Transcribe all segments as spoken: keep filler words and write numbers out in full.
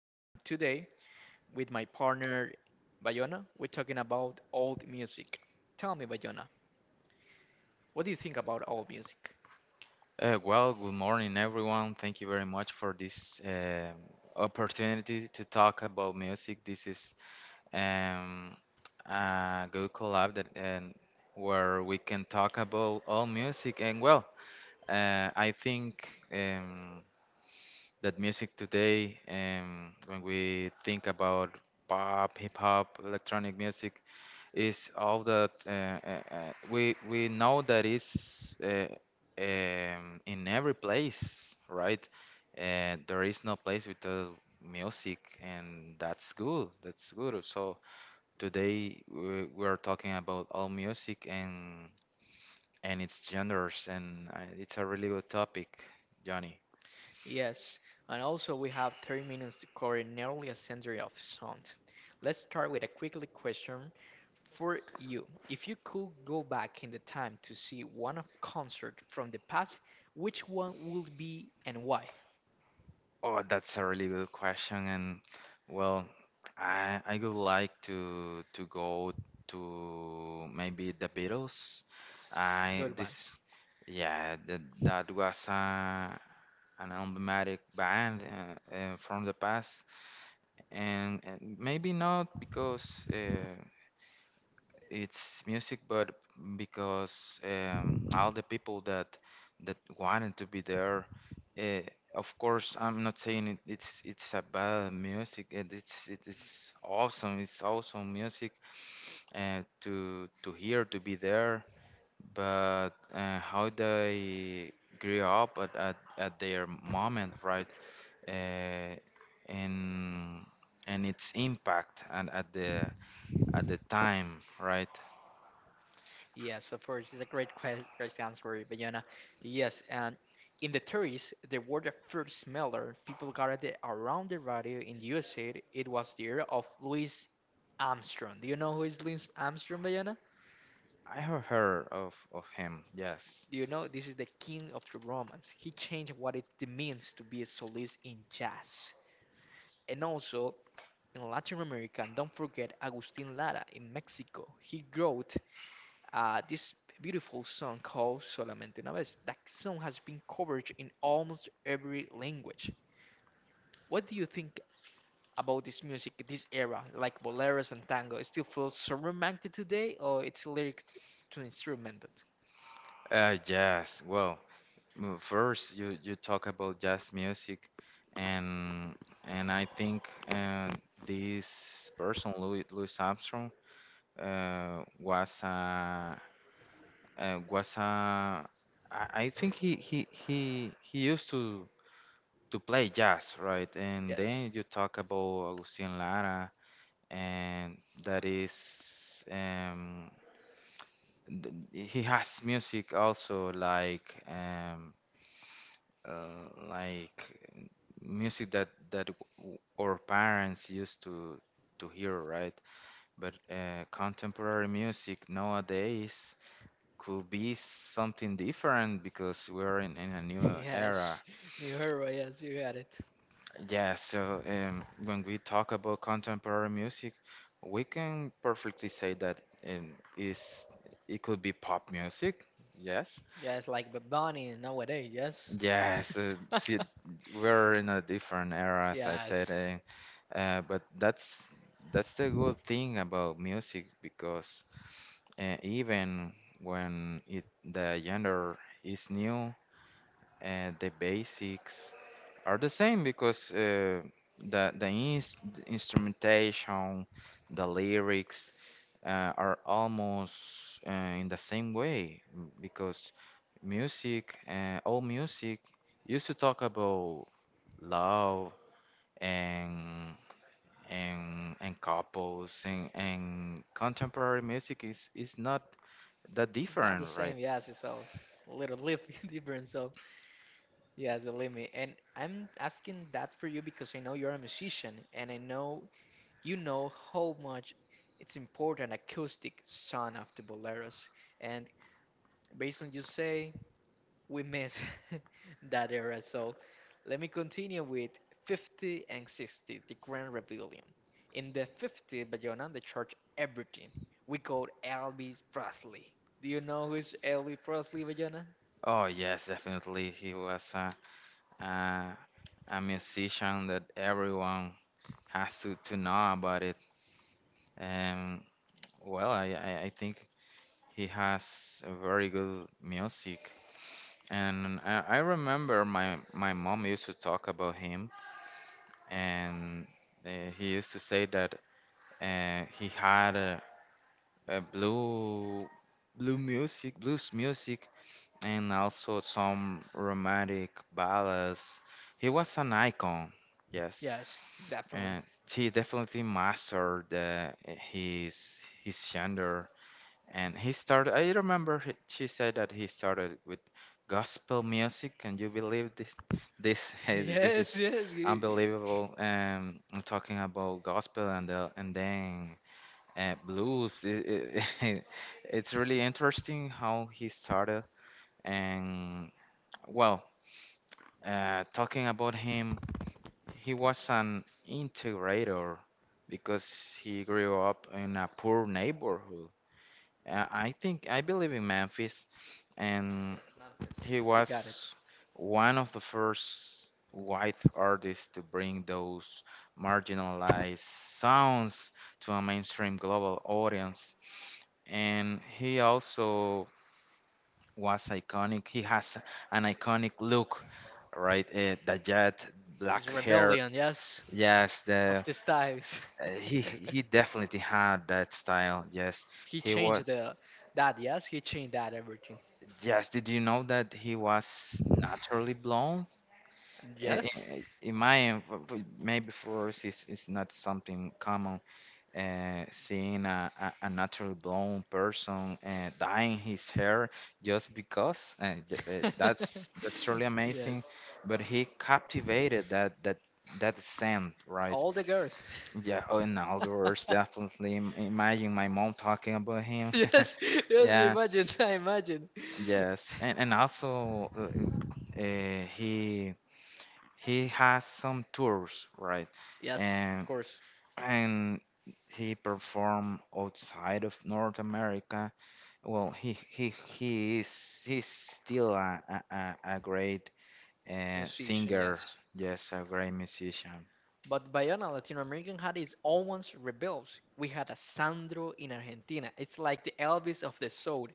And today with my partner Bayona, we're talking about old music. Tell me, Bayona, what do you think about old music? Uh, well, good morning, everyone. Thank you very much for this um opportunity to talk about music. This is um, a good collab that and where we can talk about all music. And well, uh, I think um, that music today, um, when we think about pop, hip hop, electronic music, is all that uh, uh, uh, we we know that it's uh, um, in every place, right? Uh, there is no place without music, and that's good. That's good. So today we, we are talking about all music and and its genres, and uh, it's a really good topic, Johnny. Yes, and also we have thirty minutes to cover nearly a century of sound. Let's start with a quick li- question for you. If you could go back in the time to see one of concert from the past, which one would be and why? Oh, that's a really good question, and well, I I would like to to go to maybe the Beatles. I Good ones. this Yeah, that that was uh, an emblematic band uh, uh, from the past, and, and maybe not because uh, it's music, but because um, all the people that that wanted to be there. uh, of course, I'm not saying it, it's it's a bad music. And It's it, it's awesome. It's awesome music uh, to to hear to be there. But uh, how they grew up at, at, at their moment, right? Uh, and and its impact and at the at the time, right? Yes, of course, it's a great que- question, answer, Bayona. Yes, and in the thirties, the word of first smeller, people got it around the radio in the U S A. It was the era of Louis Armstrong. Do you know who is Louis Armstrong, Bayona? I have heard of of him. Yes. Do you know this is the king of the romance? He changed what it means to be a solist in jazz. And also in Latin America, and don't forget Agustin Lara in Mexico. He wrote uh, this beautiful song called Solamente una vez. That song has been covered in almost every language. What do you think about this music, this era, like boleros and tango? It still feels so romantic today, or it's lyrics to instrumental? Uh, yes. Well, m- first you you talk about jazz music, and and I think uh, this person Louis Louis Armstrong, uh, was a uh, was a I I think he he he he used to to play jazz, right? And Yes. then you talk about Agustin Lara, and that is. Um, th- he has music also like um uh, like uh, music that that w- our parents used to to hear, right? But uh, contemporary music nowadays could be something different because we're in, in a new era. Yes, New Hero, yes, you got it. Yeah, so um, when we talk about contemporary music, we can perfectly say that um, is it could be pop music, yes, Yes, like Bad Bunny nowadays, yes. yes. Uh, see, we're in a different era, as I said, Yes. and, uh, but that's that's the good thing about music, because uh, even when it the genre is new, uh, the basics are the same, because uh, the the, ins- the instrumentation, the lyrics uh, are almost uh, in the same way, m- because music, uh, all music, used to talk about love and and and couples, and, and contemporary music is is not that It's not the different, right? same, yes, it's a little lif- different, so. Yeah, believe me. And I'm asking that for you because I know you're a musician and I know you know how much it's important acoustic sound of the boleros. And based on you say, we miss that era. So let me continue with fifty and sixty, the Grand Rebellion. In the fifties, Bayona, the church everything. We called Elvis Presley. Do you know who is Elvis Presley, Bayona? Oh yes, definitely he was a. a a musician that everyone has to to know about it. And well, I I, I think he has a very good music. And I, I remember my my mom used to talk about him, and uh, he used to say that uh, he had a, a blue blue music, blues music, and also some romantic ballads. He was an icon. Yes, Yes, definitely. and he definitely mastered uh, his his gender, and he started. I remember he- she said that he started with gospel music. Can you believe this this this Yes, is yes. you- unbelievable? um I'm talking about gospel, and the, and then uh, blues. It, it, it's really interesting how he started. And well, uh, talking about him, he was an integrator because he grew up in a poor neighborhood. Uh, I think I believe in Memphis, and he You got it. was one of the first white artists to bring those marginalized sounds to a mainstream global audience. And he also was iconic. He has an iconic look, right? Uh, the jet, His black hair. rebellion, yes, Yes, of the these times. Uh, he he definitely had that style. Yes, He he was. changed the that, yes, he changed that everything. Yes, did you know that he was naturally blonde? I- Yes. i- In my en- f- f- maybe for us, it's, it's not something common. Uh, seeing a, a, a naturally blonde person uh, dyeing his hair just because uh, j- uh, that's that's really amazing. Yes. But he captivated that that that scent, right? All the girls. Yeah, oh, and outdoors, definitely. im- Imagine my mom talking about him. Yes, yes, Yeah, imagine, I imagine. yes, and and also uh, uh, he he has some tours, right? Yes, of And course. and he perform outside of North America. Well, he he he is he's still a a, a a great uh, Musician, singer. yes. Yes, a great musician. But Bayona Latino American had its own ones rebels. We had a Sandro in Argentina. It's like the Elvis of the soul.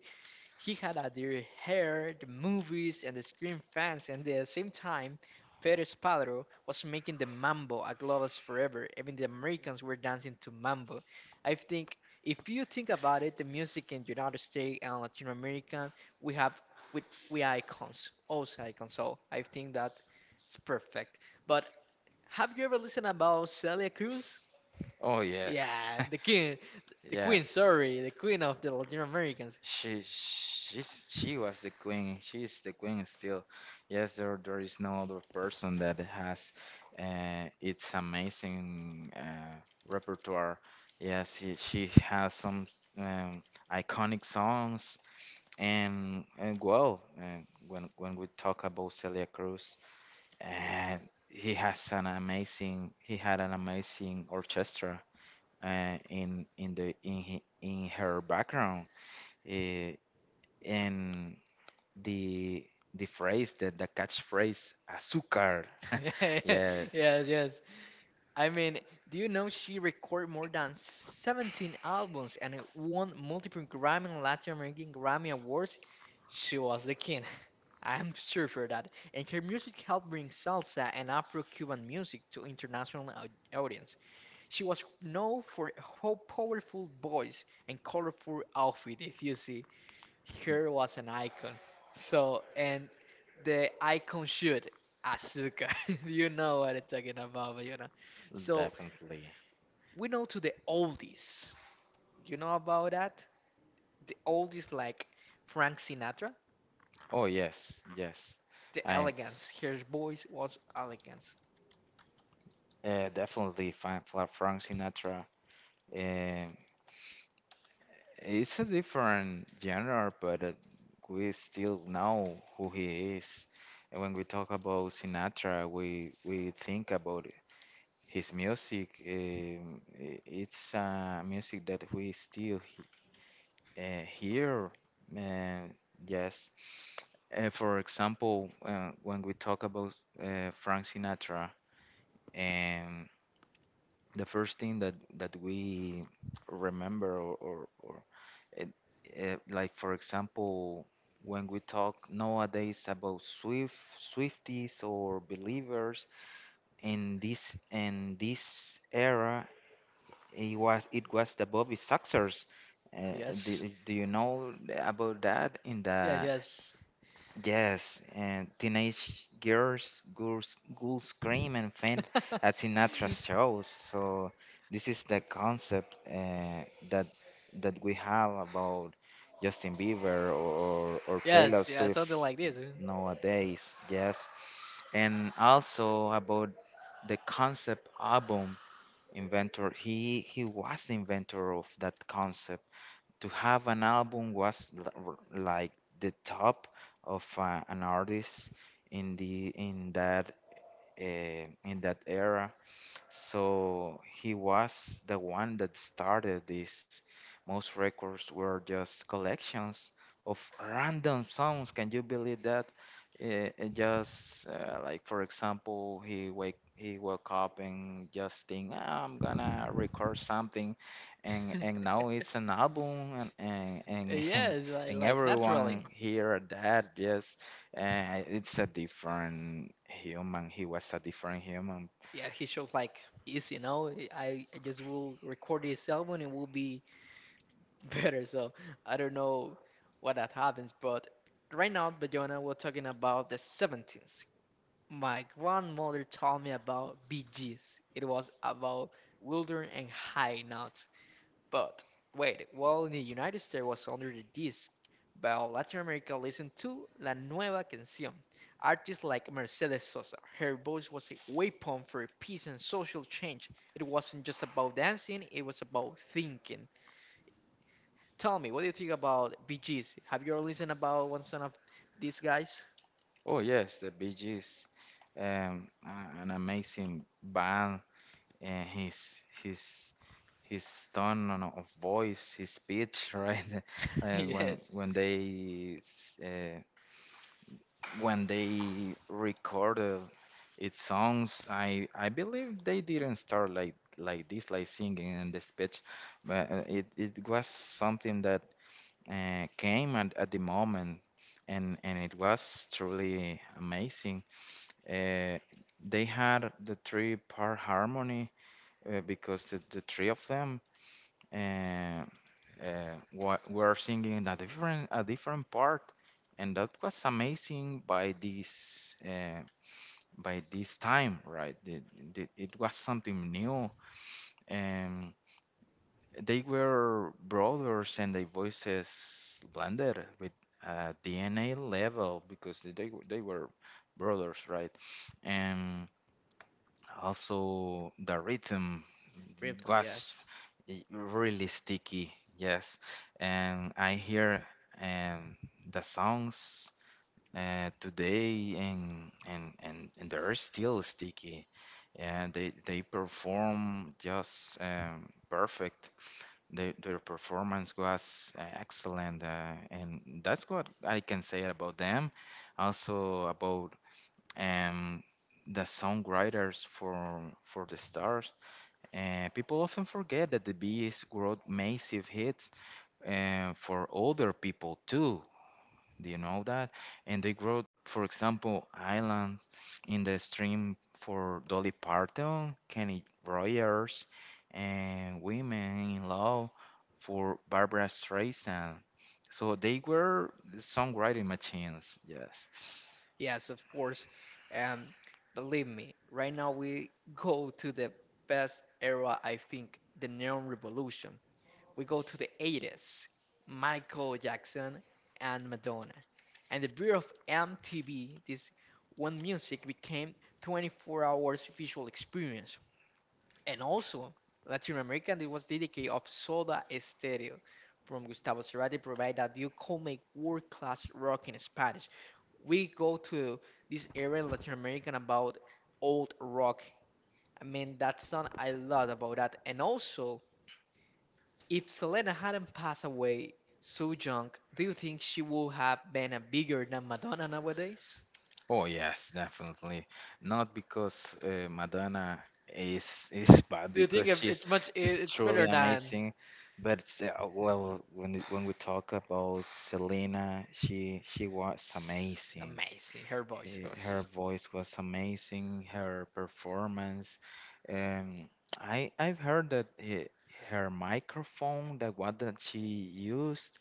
He had a dear hair, the movies, and the screen fans, and at the same time, Pedro Spalero was making the mambo a global forever. Even the Americans were dancing to mambo. I think if you think about it, the music in United States and Latin America, we have with we are icons, also icons. So I think that it's perfect. But have you ever listened about Celia Cruz? Oh yes, Yeah, the king, the queen. yes. Sorry, the queen of the Latin Americans. She she's she was the queen. She is the queen still. Yes, there there is no other person that has uh, its amazing uh, repertoire. Yes, she, she has some um, iconic songs. And, and well, uh, when when we talk about Celia Cruz, uh, he has an amazing he had an amazing orchestra uh, in in the in he- in her background. uh, and the the phrase that the catchphrase azúcar. Yes, Yes, yes. I mean, do you know she recorded more than seventeen albums and it won multiple Grammy and Latin American Grammy Awards? She was the king. I'm sure for that. And her music helped bring salsa and Afro-Cuban music to international au- audience. She was known for her powerful voice and colorful outfit, if you see. Here was an icon. So, and the icon shoot, Asuka. You know what I'm talking about, but you know. So, definitely. we know to the oldies. You know about that? The oldies like Frank Sinatra, Oh yes, yes. the I elegance. His voice was elegance. Uh, definitely Frank, Frank Sinatra. um, it's a different genre, but uh, we still know who he is. And when we talk about Sinatra, we we think about his music. Um, i- it's uh, music that we still he uh, hear. Uh, yes. Uh, for example, uh, when we talk about uh, Frank Sinatra, and the first thing that that we remember, or, or, or it, uh, like for example, when we talk nowadays about Swift, Swifties or believers in this in this era, It was it was the Bobby Soxers. Uh, Yes. do, do you know about that? In Yes, the yes. Yes, and teenage girls, girls, girls scream and faint at Sinatra's shows. So this is the concept uh, that that we have about Justin Bieber or or Taylor Yes, yeah, Swift something like this. Huh? nowadays. Yes, and also about the concept album inventor. He he was the inventor of that concept. To have an album was l- r- like the top of uh, an artist in the in that uh, in that era, so he was the one that started this. Most records were just collections of random songs. Can you believe that? Eh, eh, just uh, like for example, he wake he woke up and just think, "Ah, I'm gonna record something, and and now it's an album, and and and and, Yes, like, and like everyone naturally. hear that." Yes, uh, it's a different human. He was a different human. Yeah, he shows like easy, you know. I I just will record this album and will be better. So I don't know what that happens, but right now, Bayona, we're talking about the seventeenth. My grandmother told me about B Gs. It was about Wilder and High Notes. But wait, while in the United States was under the disc, while Latin America listened to La Nueva Canción. Artists like Mercedes Sosa, her voice was a weapon for peace and social change. It wasn't just about dancing, it was about thinking. Tell me, what do you think about B Gs? Have you ever listened about one son of these guys? Oh yes, the Bee Gees, um, a- an amazing band, and his his his tone on- of voice, his pitch, right? Uh, when Yes, when they s- uh, when they recorded its songs, I I believe they didn't start like like this, like singing in the speech, but uh, it it was something that uh, came at, at the moment, and and it was truly amazing. uh, they had the three part harmony uh, because the, the three of them uh, uh, wa- were singing a different a different part, and that was amazing by this uh, by this time, right? The- the- It was something new, and they were brothers, and their voices blended with uh, D N A level, because they they were brothers, right? Also, the rhythm Ripton. was Yes, i- really sticky, yes. And I hear um, the songs uh, today, and, and and and they're still sticky. And they they perform just um, perfect. Their their performance was uh, excellent, uh, and that's what I can say about them. Also about and the songwriters for for the stars. And people often forget that the Bees wrote massive hits uh, for older people too. Do you know that? And they wrote, for example, Island in the Stream for Dolly Parton, Kenny Rogers, and Women in Love for Barbara Streisand. So they were songwriting machines, yes. yes, of course. Um, Believe me, right now we go to the best era. I think the Neon Revolution. We go to the eighties, Michael Jackson and Madonna, and the birth of M T V. This one music became twenty-four hours visual experience. And also, Latin American, it was dedicated of Soda Stereo from Gustavo Cerati, provide that you could make world-class rock in Spanish. We go to this area in Latin American about old rock. I mean, that's not I love about that. And also, if Selena hadn't passed away so young, do you think she would have been a bigger than Madonna nowadays? Oh yes, definitely. Not because uh, Madonna is is bad, Do you think because if she's it's much? she's it- It's better truly than. amazing, but it's, uh, well, when it- when we talk about Selena, she she was It's amazing. amazing. Her voice He- Her was. voice was amazing. Her performance. Um, I I've heard that he, her microphone, the one that she used,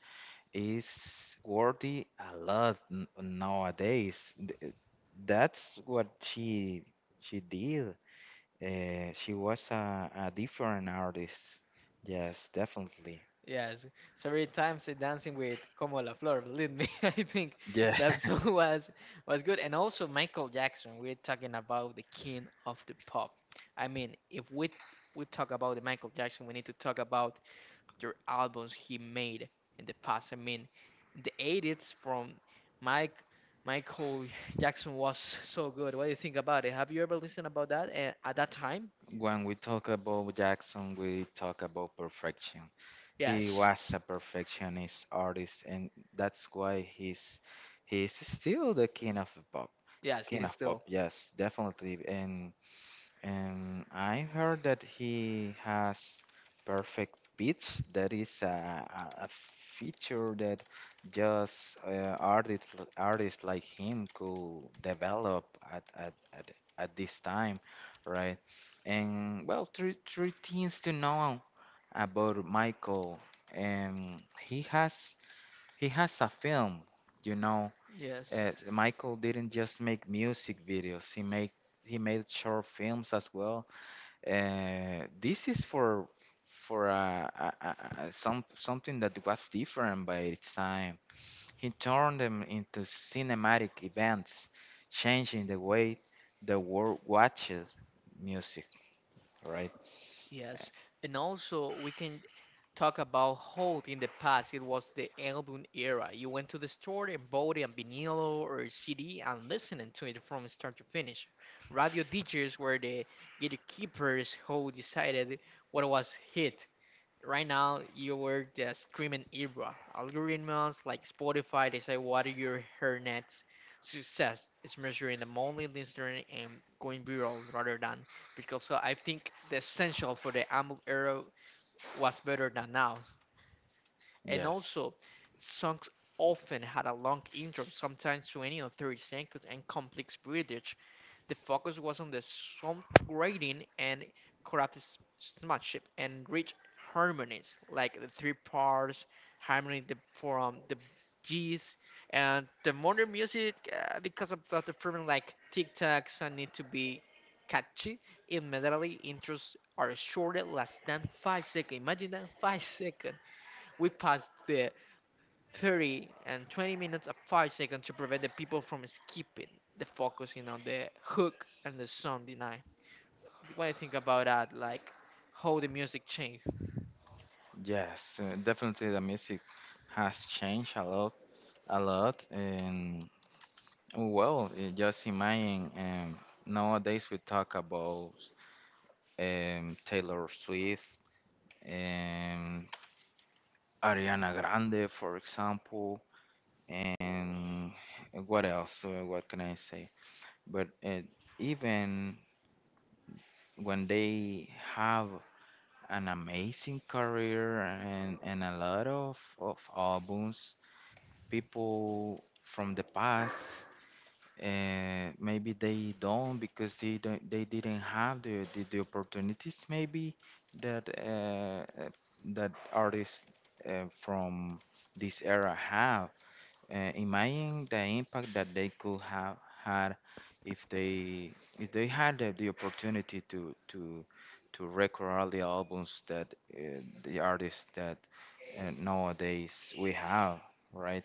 is worthy a lot n- nowadays. Th- That's what she she did. Uh, she was a, a different artist. Yes, definitely. Yes, several times uh, dancing with Como La Flor. Believe me, I think Yeah. that song was was good. And also Michael Jackson. We're talking about the king of the pop. I mean, if we we talk about the Michael Jackson, we need to talk about their albums he made in the past. I mean, the eighties from Mike Michael Jackson was so good. What do you think about it? Have you ever listened about that uh, at that time? When we talk about Jackson, we talk about perfection. He Yes, was a perfectionist artist, and that's why he's he's still the king of the pop. yes, he King is of pop, still yes, definitely. And And I heard that he has perfect pitch. That is a, a a feature that just uh, artists artists like him could develop at, at, at, at this time, right? And well, three three things to know about Michael. Um, he has he has a film, you know. yes. Uh, Michael didn't just make music videos. He made he made short films as well. Uh, this is for for uh, uh, uh, uh, some something that was different by its time. He turned them into cinematic events, changing the way the world watches music. Right? Uh, Yes, and also we can talk about Holt in the past. It was the album era. You went to the store and bought a vinyl or C D and listening to it from start to finish. Radio D Js were the gatekeepers who decided what was hit right now you were the screaming era. Algorithms like Spotify they say what your hairnets success is measured in the monthly listener and going viral rather than because so I think the essential for the Amble era was better than now. And Yes, also, songs often had a long intro, sometimes twenty or thirty seconds, and complex bridge. The focus was on the song grading and choreographed smartship and rich harmonies, like the three parts harmony the, from the G's and the modern music uh, because of the performance like TikToks and need to be catchy. In medley intros are shorter, less than five seconds. Imagine that five second. We passed the thirty and twenty minutes of five seconds to prevent the people from skipping the focusing on the hook and the song design. What do you think about that? Like how the music changed? yes, uh, definitely the music has changed a lot, a lot, and well, uh, just imagine. Um, nowadays we talk about um, Taylor Swift. um Ariana Grande, for example, and what else? So what can I say? But uh, even when they have an amazing career and, and a lot of, of albums, people from the past, uh, maybe they don't because they don't they didn't have the, the, the opportunities maybe that uh, uh, that artists uh, from this era have. Uh, imagine the impact that they could have had if they if they had the, the opportunity to to to record all the albums that uh, the artists that uh, nowadays we have, right?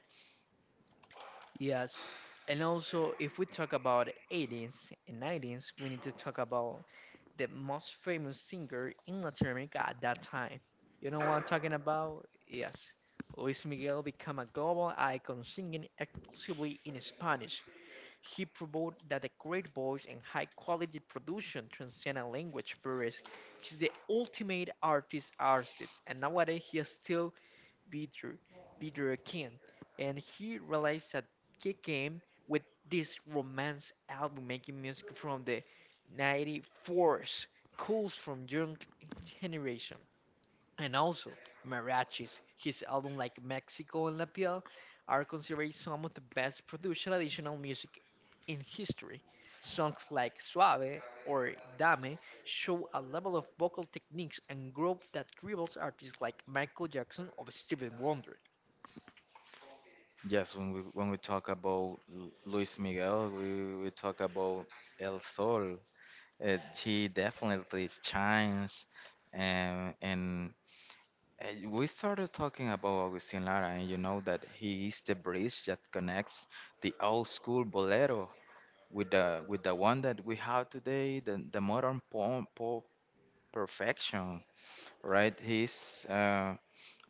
Yes. And also, if we talk about eighties and nineties, we need to talk about the most famous singer in Latin America at that time. You know what I'm talking about? Yes. Luis Miguel became a global icon singing exclusively in Spanish. He proved that a great voice and high quality production transcend a language barriers. He's the ultimate artist artist, and nowadays he is still Peter, Peter King. And he realized that he came with this romance album making music from the 94s, calls from young generation and also mariachis. His album like Mexico and La Piel are considered some of the best produced traditional music in history. Songs like Suave or Dame show a level of vocal techniques and growth that rivals artists like Michael Jackson or Stevie Wonder. Yes, when we when we talk about Lu- Luis Miguel, we, we talk about El Sol. Uh, he definitely shines, and and Uh, We started talking about Agustin Lara, and you know that he is the bridge that connects the old school bolero with the with the one that we have today, the, the modern pop, pop perfection, right? He's uh,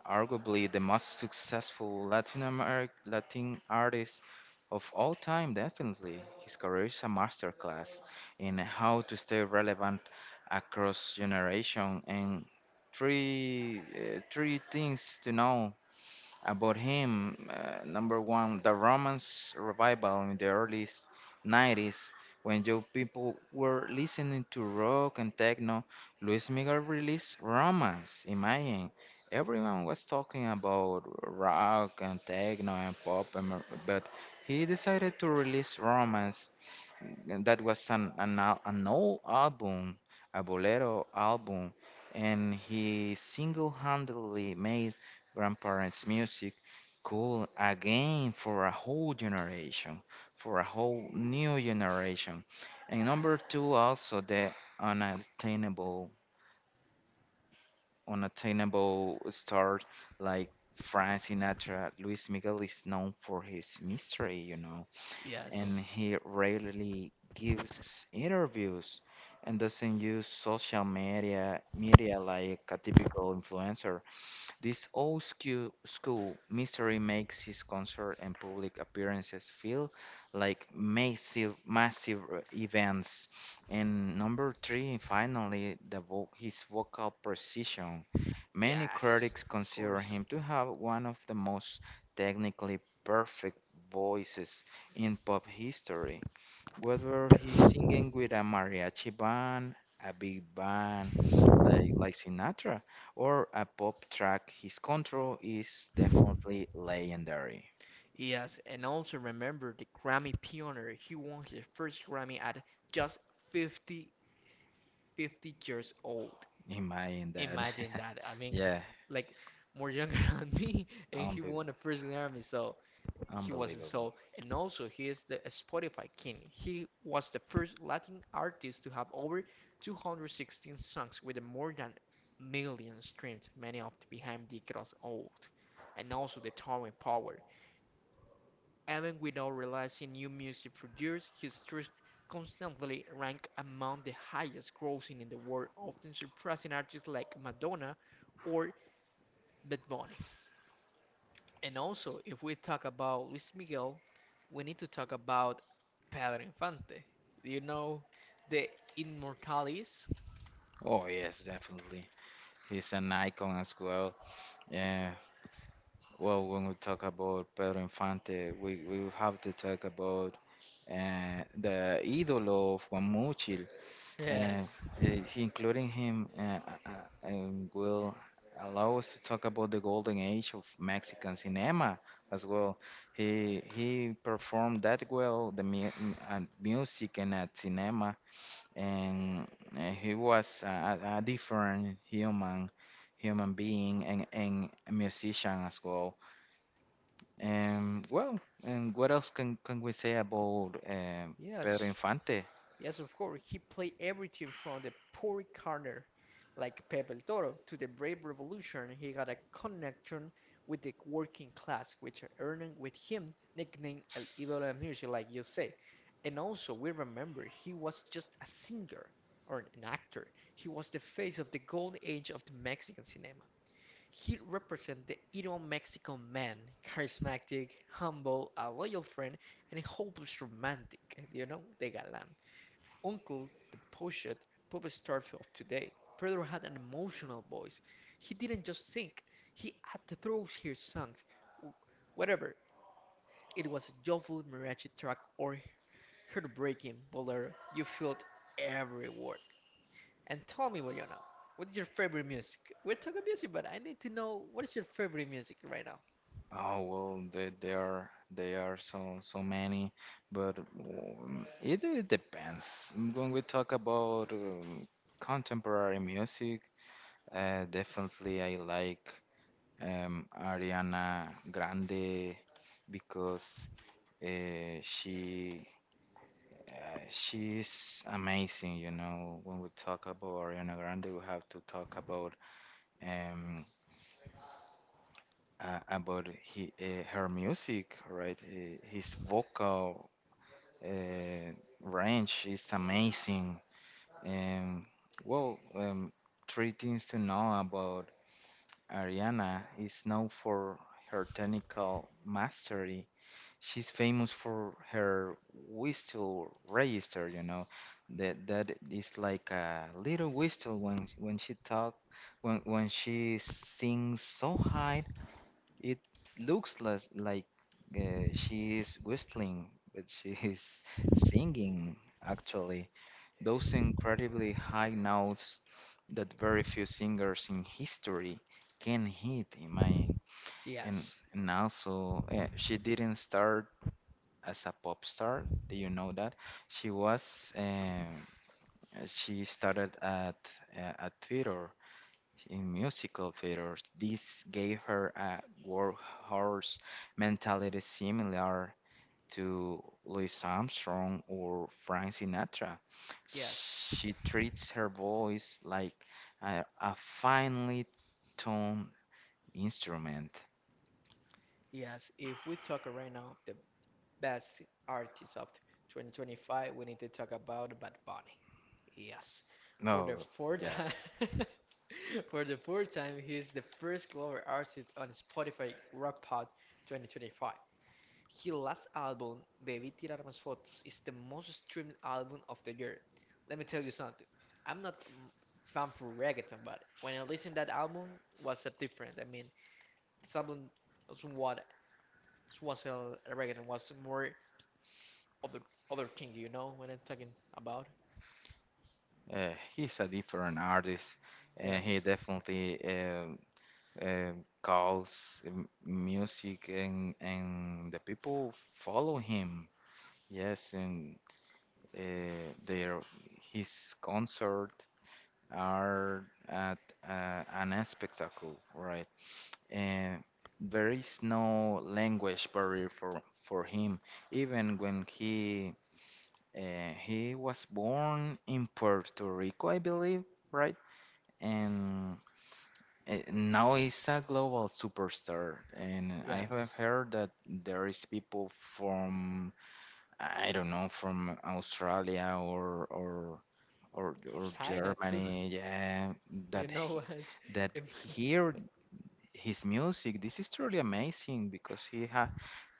arguably the most successful Latin American Latin artist of all time, definitely. His career is a masterclass in how to stay relevant across generation, and three uh, three things to know about him. Uh, number one, the Romance revival in the early s- nineties, when young people were listening to rock and techno, Luis Miguel released Romance. Imagine, everyone was talking about rock and techno and pop, and mer- but he decided to release Romance, and that was an an, al- an old album, a bolero album, and he single-handedly made grandparents' music cool again for a whole generation, for a whole new generation. And number two, also the unattainable, unattainable stars like Frank Sinatra. Luis Miguel is known for his mystery, you know and Yes. he rarely gives interviews and doesn't use social media media like a typical influencer. This old school, school mystery makes his concert and public appearances feel like massive, massive uh, events. And number three, finally, the vo- his vocal precision. Many Yes. critics Of consider course. him to have one of the most technically perfect voices in pop history. Whether he's Yes. singing with a mariachi band, a big band, like, like Sinatra, or a pop track, his control is definitely legendary. Yes, and also remember the Grammy pioneer. He won his first Grammy at just fifty fifty years old. Imagine that. Imagine that. I mean, Yeah, like more younger than me, and he unbe- won the first Grammy. So he was the unbelievable. soul, and also he is the Spotify king. He was the first Latin artist to have over two hundred sixteen songs with more than a million streams, many of the behind the cross old, and also the towering power. Even without releasing new music for years, his tracks constantly rank among the highest grossing in the world, often surpassing artists like Madonna or Bad Bunny. And also, if we talk about Luis Miguel, we need to talk about Pedro Infante. You know, the Immortales? Oh, yes, definitely. He's an icon as well. Yeah. Well, when we talk about Pedro Infante, we, we will have to talk about uh, the idol of Guamuchil, and uh, Yes. he, including him uh, uh, uh, um, will allow us to talk about the golden age of Mexican cinema as well. He he performed that well the mu- m- uh, music and at cinema, and uh, he was a, a a different human human being, and, and a musician as well. And well, and what else can, can we say about um Pedro Yes. Infante? Yes, of course, he played everything from the poor corner, like Pepe el Toro, to the brave revolution. He got a connection with the working class, which earned with him nickname El Ídolo de Music, like you say. And also, we remember he was just a singer or an actor. He was the face of the golden age of the Mexican cinema. He represented the ideal Mexican man, charismatic, humble, a loyal friend, and a hopeless romantic. You know, the galán. Uncle, the pushed pop star of today, Pedro had an emotional voice. He didn't just sing, he had to throw his songs, w- whatever. It was a joyful mariachi track or heartbreaking bolero. You felt every word. And tell me, Boyana, what is your favorite music? We're talking music, but I need to know what is your favorite music right now? Oh well, they, they are they are so so many, but um, it, it depends. When we talk about um, contemporary music, uh, definitely I like um, Ariana Grande because uh, she uh, she's amazing. You know, when we talk about Ariana Grande, we have to talk about um, uh, about he, uh, her music, right? Uh, his vocal uh, range is amazing. And well, um, three things to know about Ariana is known for her technical mastery. She's famous for her whistle register, you know, that that is like a little whistle when when she talk when when she sings so high it looks les- like uh, she is whistling, but she is singing, actually. Those incredibly high notes that very few singers in history can hit. in my and Yes, and also uh, she didn't start as a pop star. Do you know that? She was um, uh, she started at uh, at theater in musical theater. This gave her a workhorse mentality similar to Louis Armstrong or Frank Sinatra. yes, She treats her voice like a, a finely tuned instrument. yes. If we talk right now, the best artist of twenty twenty-five, we need to talk about Bad Bunny. Yes. For No, the fourth yeah. time, for the fourth time, he is the first global artist on Spotify Rap Pod twenty twenty-five. His last album, Debí tirar más fotos, is the most streamed album of the year. Let me tell you something. I'm not m- fan for reggaeton, but when I listened that album, was a different. I mean, this album was what was a reggaeton was more other other thing. You know what I'm talking about? Uh, he's a different artist, and he Yes. definitely uh, uh, calls m- music, and and the people follow him. Yes, and uh, their his concert are at uh, an spectacle, right? And there is no language barrier for for him. Even when he uh, he was born in Puerto Rico, I believe, right? And uh, now he's a global superstar. And I have Yes. heard that there is people from I don't know, from Australia or or or or China too. Germany, yeah, You that know he, what? that Im- hear his music. This is truly amazing because he ha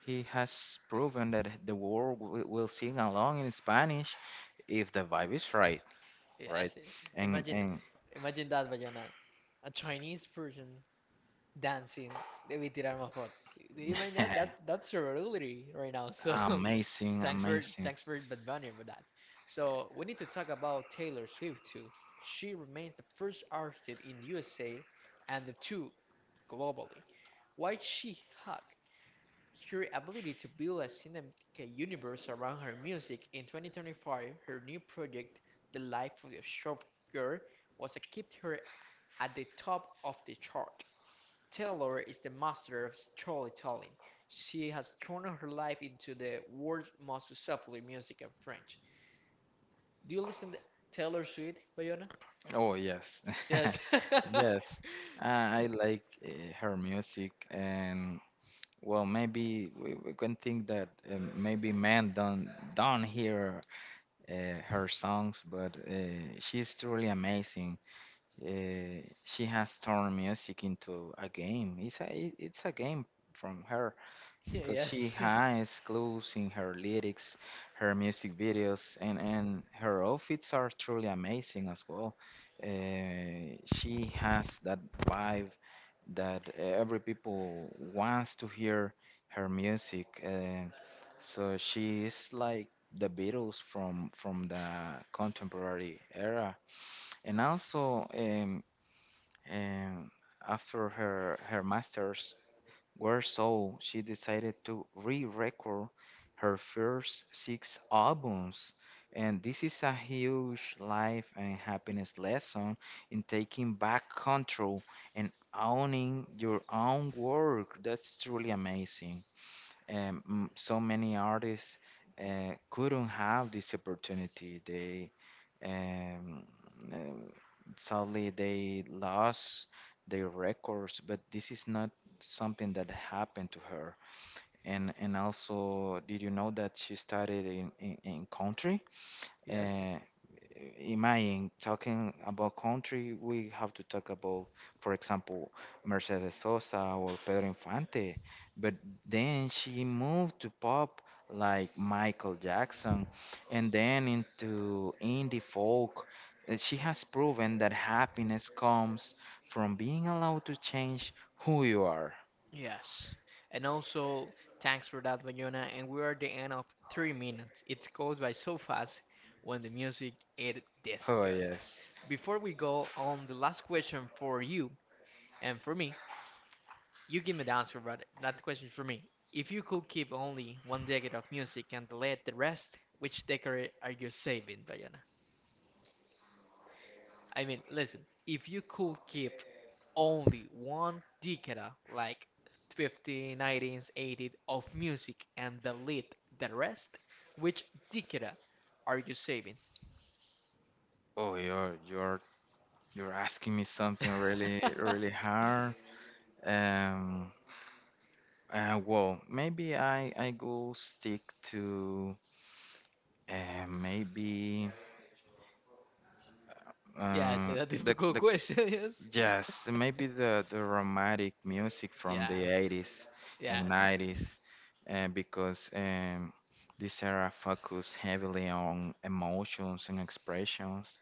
he has proven that the world will, will sing along in Spanish if the vibe is right, right? Yes. And Imagine, And imagine that, Bayana. A Chinese person dancing with Tirarma photos. Do you mind that? That that's a reality right now. So amazing, thanks for amazing. thanks for Bad Bunny for that. So we need to talk about Taylor Swift too. She remains the first artist in U S A and the two globally. Why she hot? Her ability to build a cinematic universe around her music in twenty twenty-five, her new project, The Life of the Shop Girl, was a kept her at the top of the chart. Taylor is the master of storytelling. She has thrown her life into the world's most successful music and French. Do you listen to Taylor Swift, Bayona? Oh, yes, Yes. yes. Uh, I like uh, her music, and well, maybe we, we can think that uh, maybe men don't don't hear uh, her songs, but uh, she's truly amazing. Uh, she has turned music into a game. It's a it- it's a game from her Yeah, because she yes. has clues in her lyrics, her music videos, and, and her outfits are truly amazing as well. Uh, she has that vibe that uh, every people wants to hear her music. Uh, so she is like the Beatles from from the contemporary era, and also um, um, after her her masters Worse so, she decided to re-record her first six albums. And this is a huge life and happiness lesson in taking back control and owning your own work. That's truly amazing. Um, m- so many artists uh, couldn't have this opportunity. They um, um, sadly they lost their records, but this is not something that happened to her. And and also, did you know that she studied in in, in country? Yes. Uh, imagine talking about country, we have to talk about, for example, Mercedes Sosa or Pedro Infante. But then she moved to pop like Michael Jackson and then into indie folk. And she has proven that happiness comes from being allowed to change who you are. Yes. And also, thanks for that, Bayona. And we are at the end of three minutes. It goes by so fast when the music is this Oh, good. yes. Before we go on the last question for you and for me, you give me the answer, brother. That question is for me. If you could keep only one decade of music and delete the rest, which decade are you saving, Bayona? I mean, listen, if you could keep only one decade, like fifty, eighties of music and delete the rest, which decade are you saving? Oh, you're you're you're asking me something really really hard. Um, Uh, well, maybe I I go stick to uh, maybe Yeah, it's uh, a the difficult the question, yes. yes, maybe the the romantic music from the Yes, eighties and yes, nineties, uh, because um, this era focused heavily on emotions and expressions.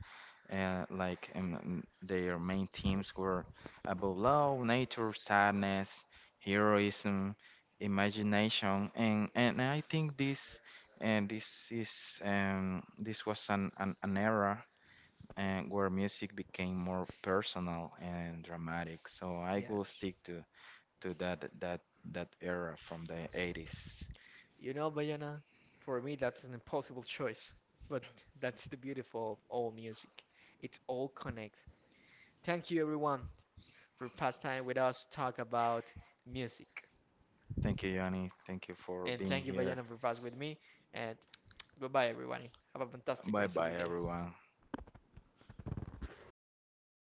Uh, like um, um, their main themes were about love, nature, sadness, heroism, imagination, and and I think this and this is um, this was an an, an era and where music became more personal and dramatic. So I will yes. stick to to that that that era from the eighties. You know, Bayana, for me that's an impossible choice, but that's the beautiful of all music. It's all connected. Thank you, everyone, for pastime with us, talk about music. Thank you, Yanni. Thank you for And being thank you, here. Bayana, for passing with me. And goodbye, everyone. Have a fantastic Bye rest of bye, your day. everyone.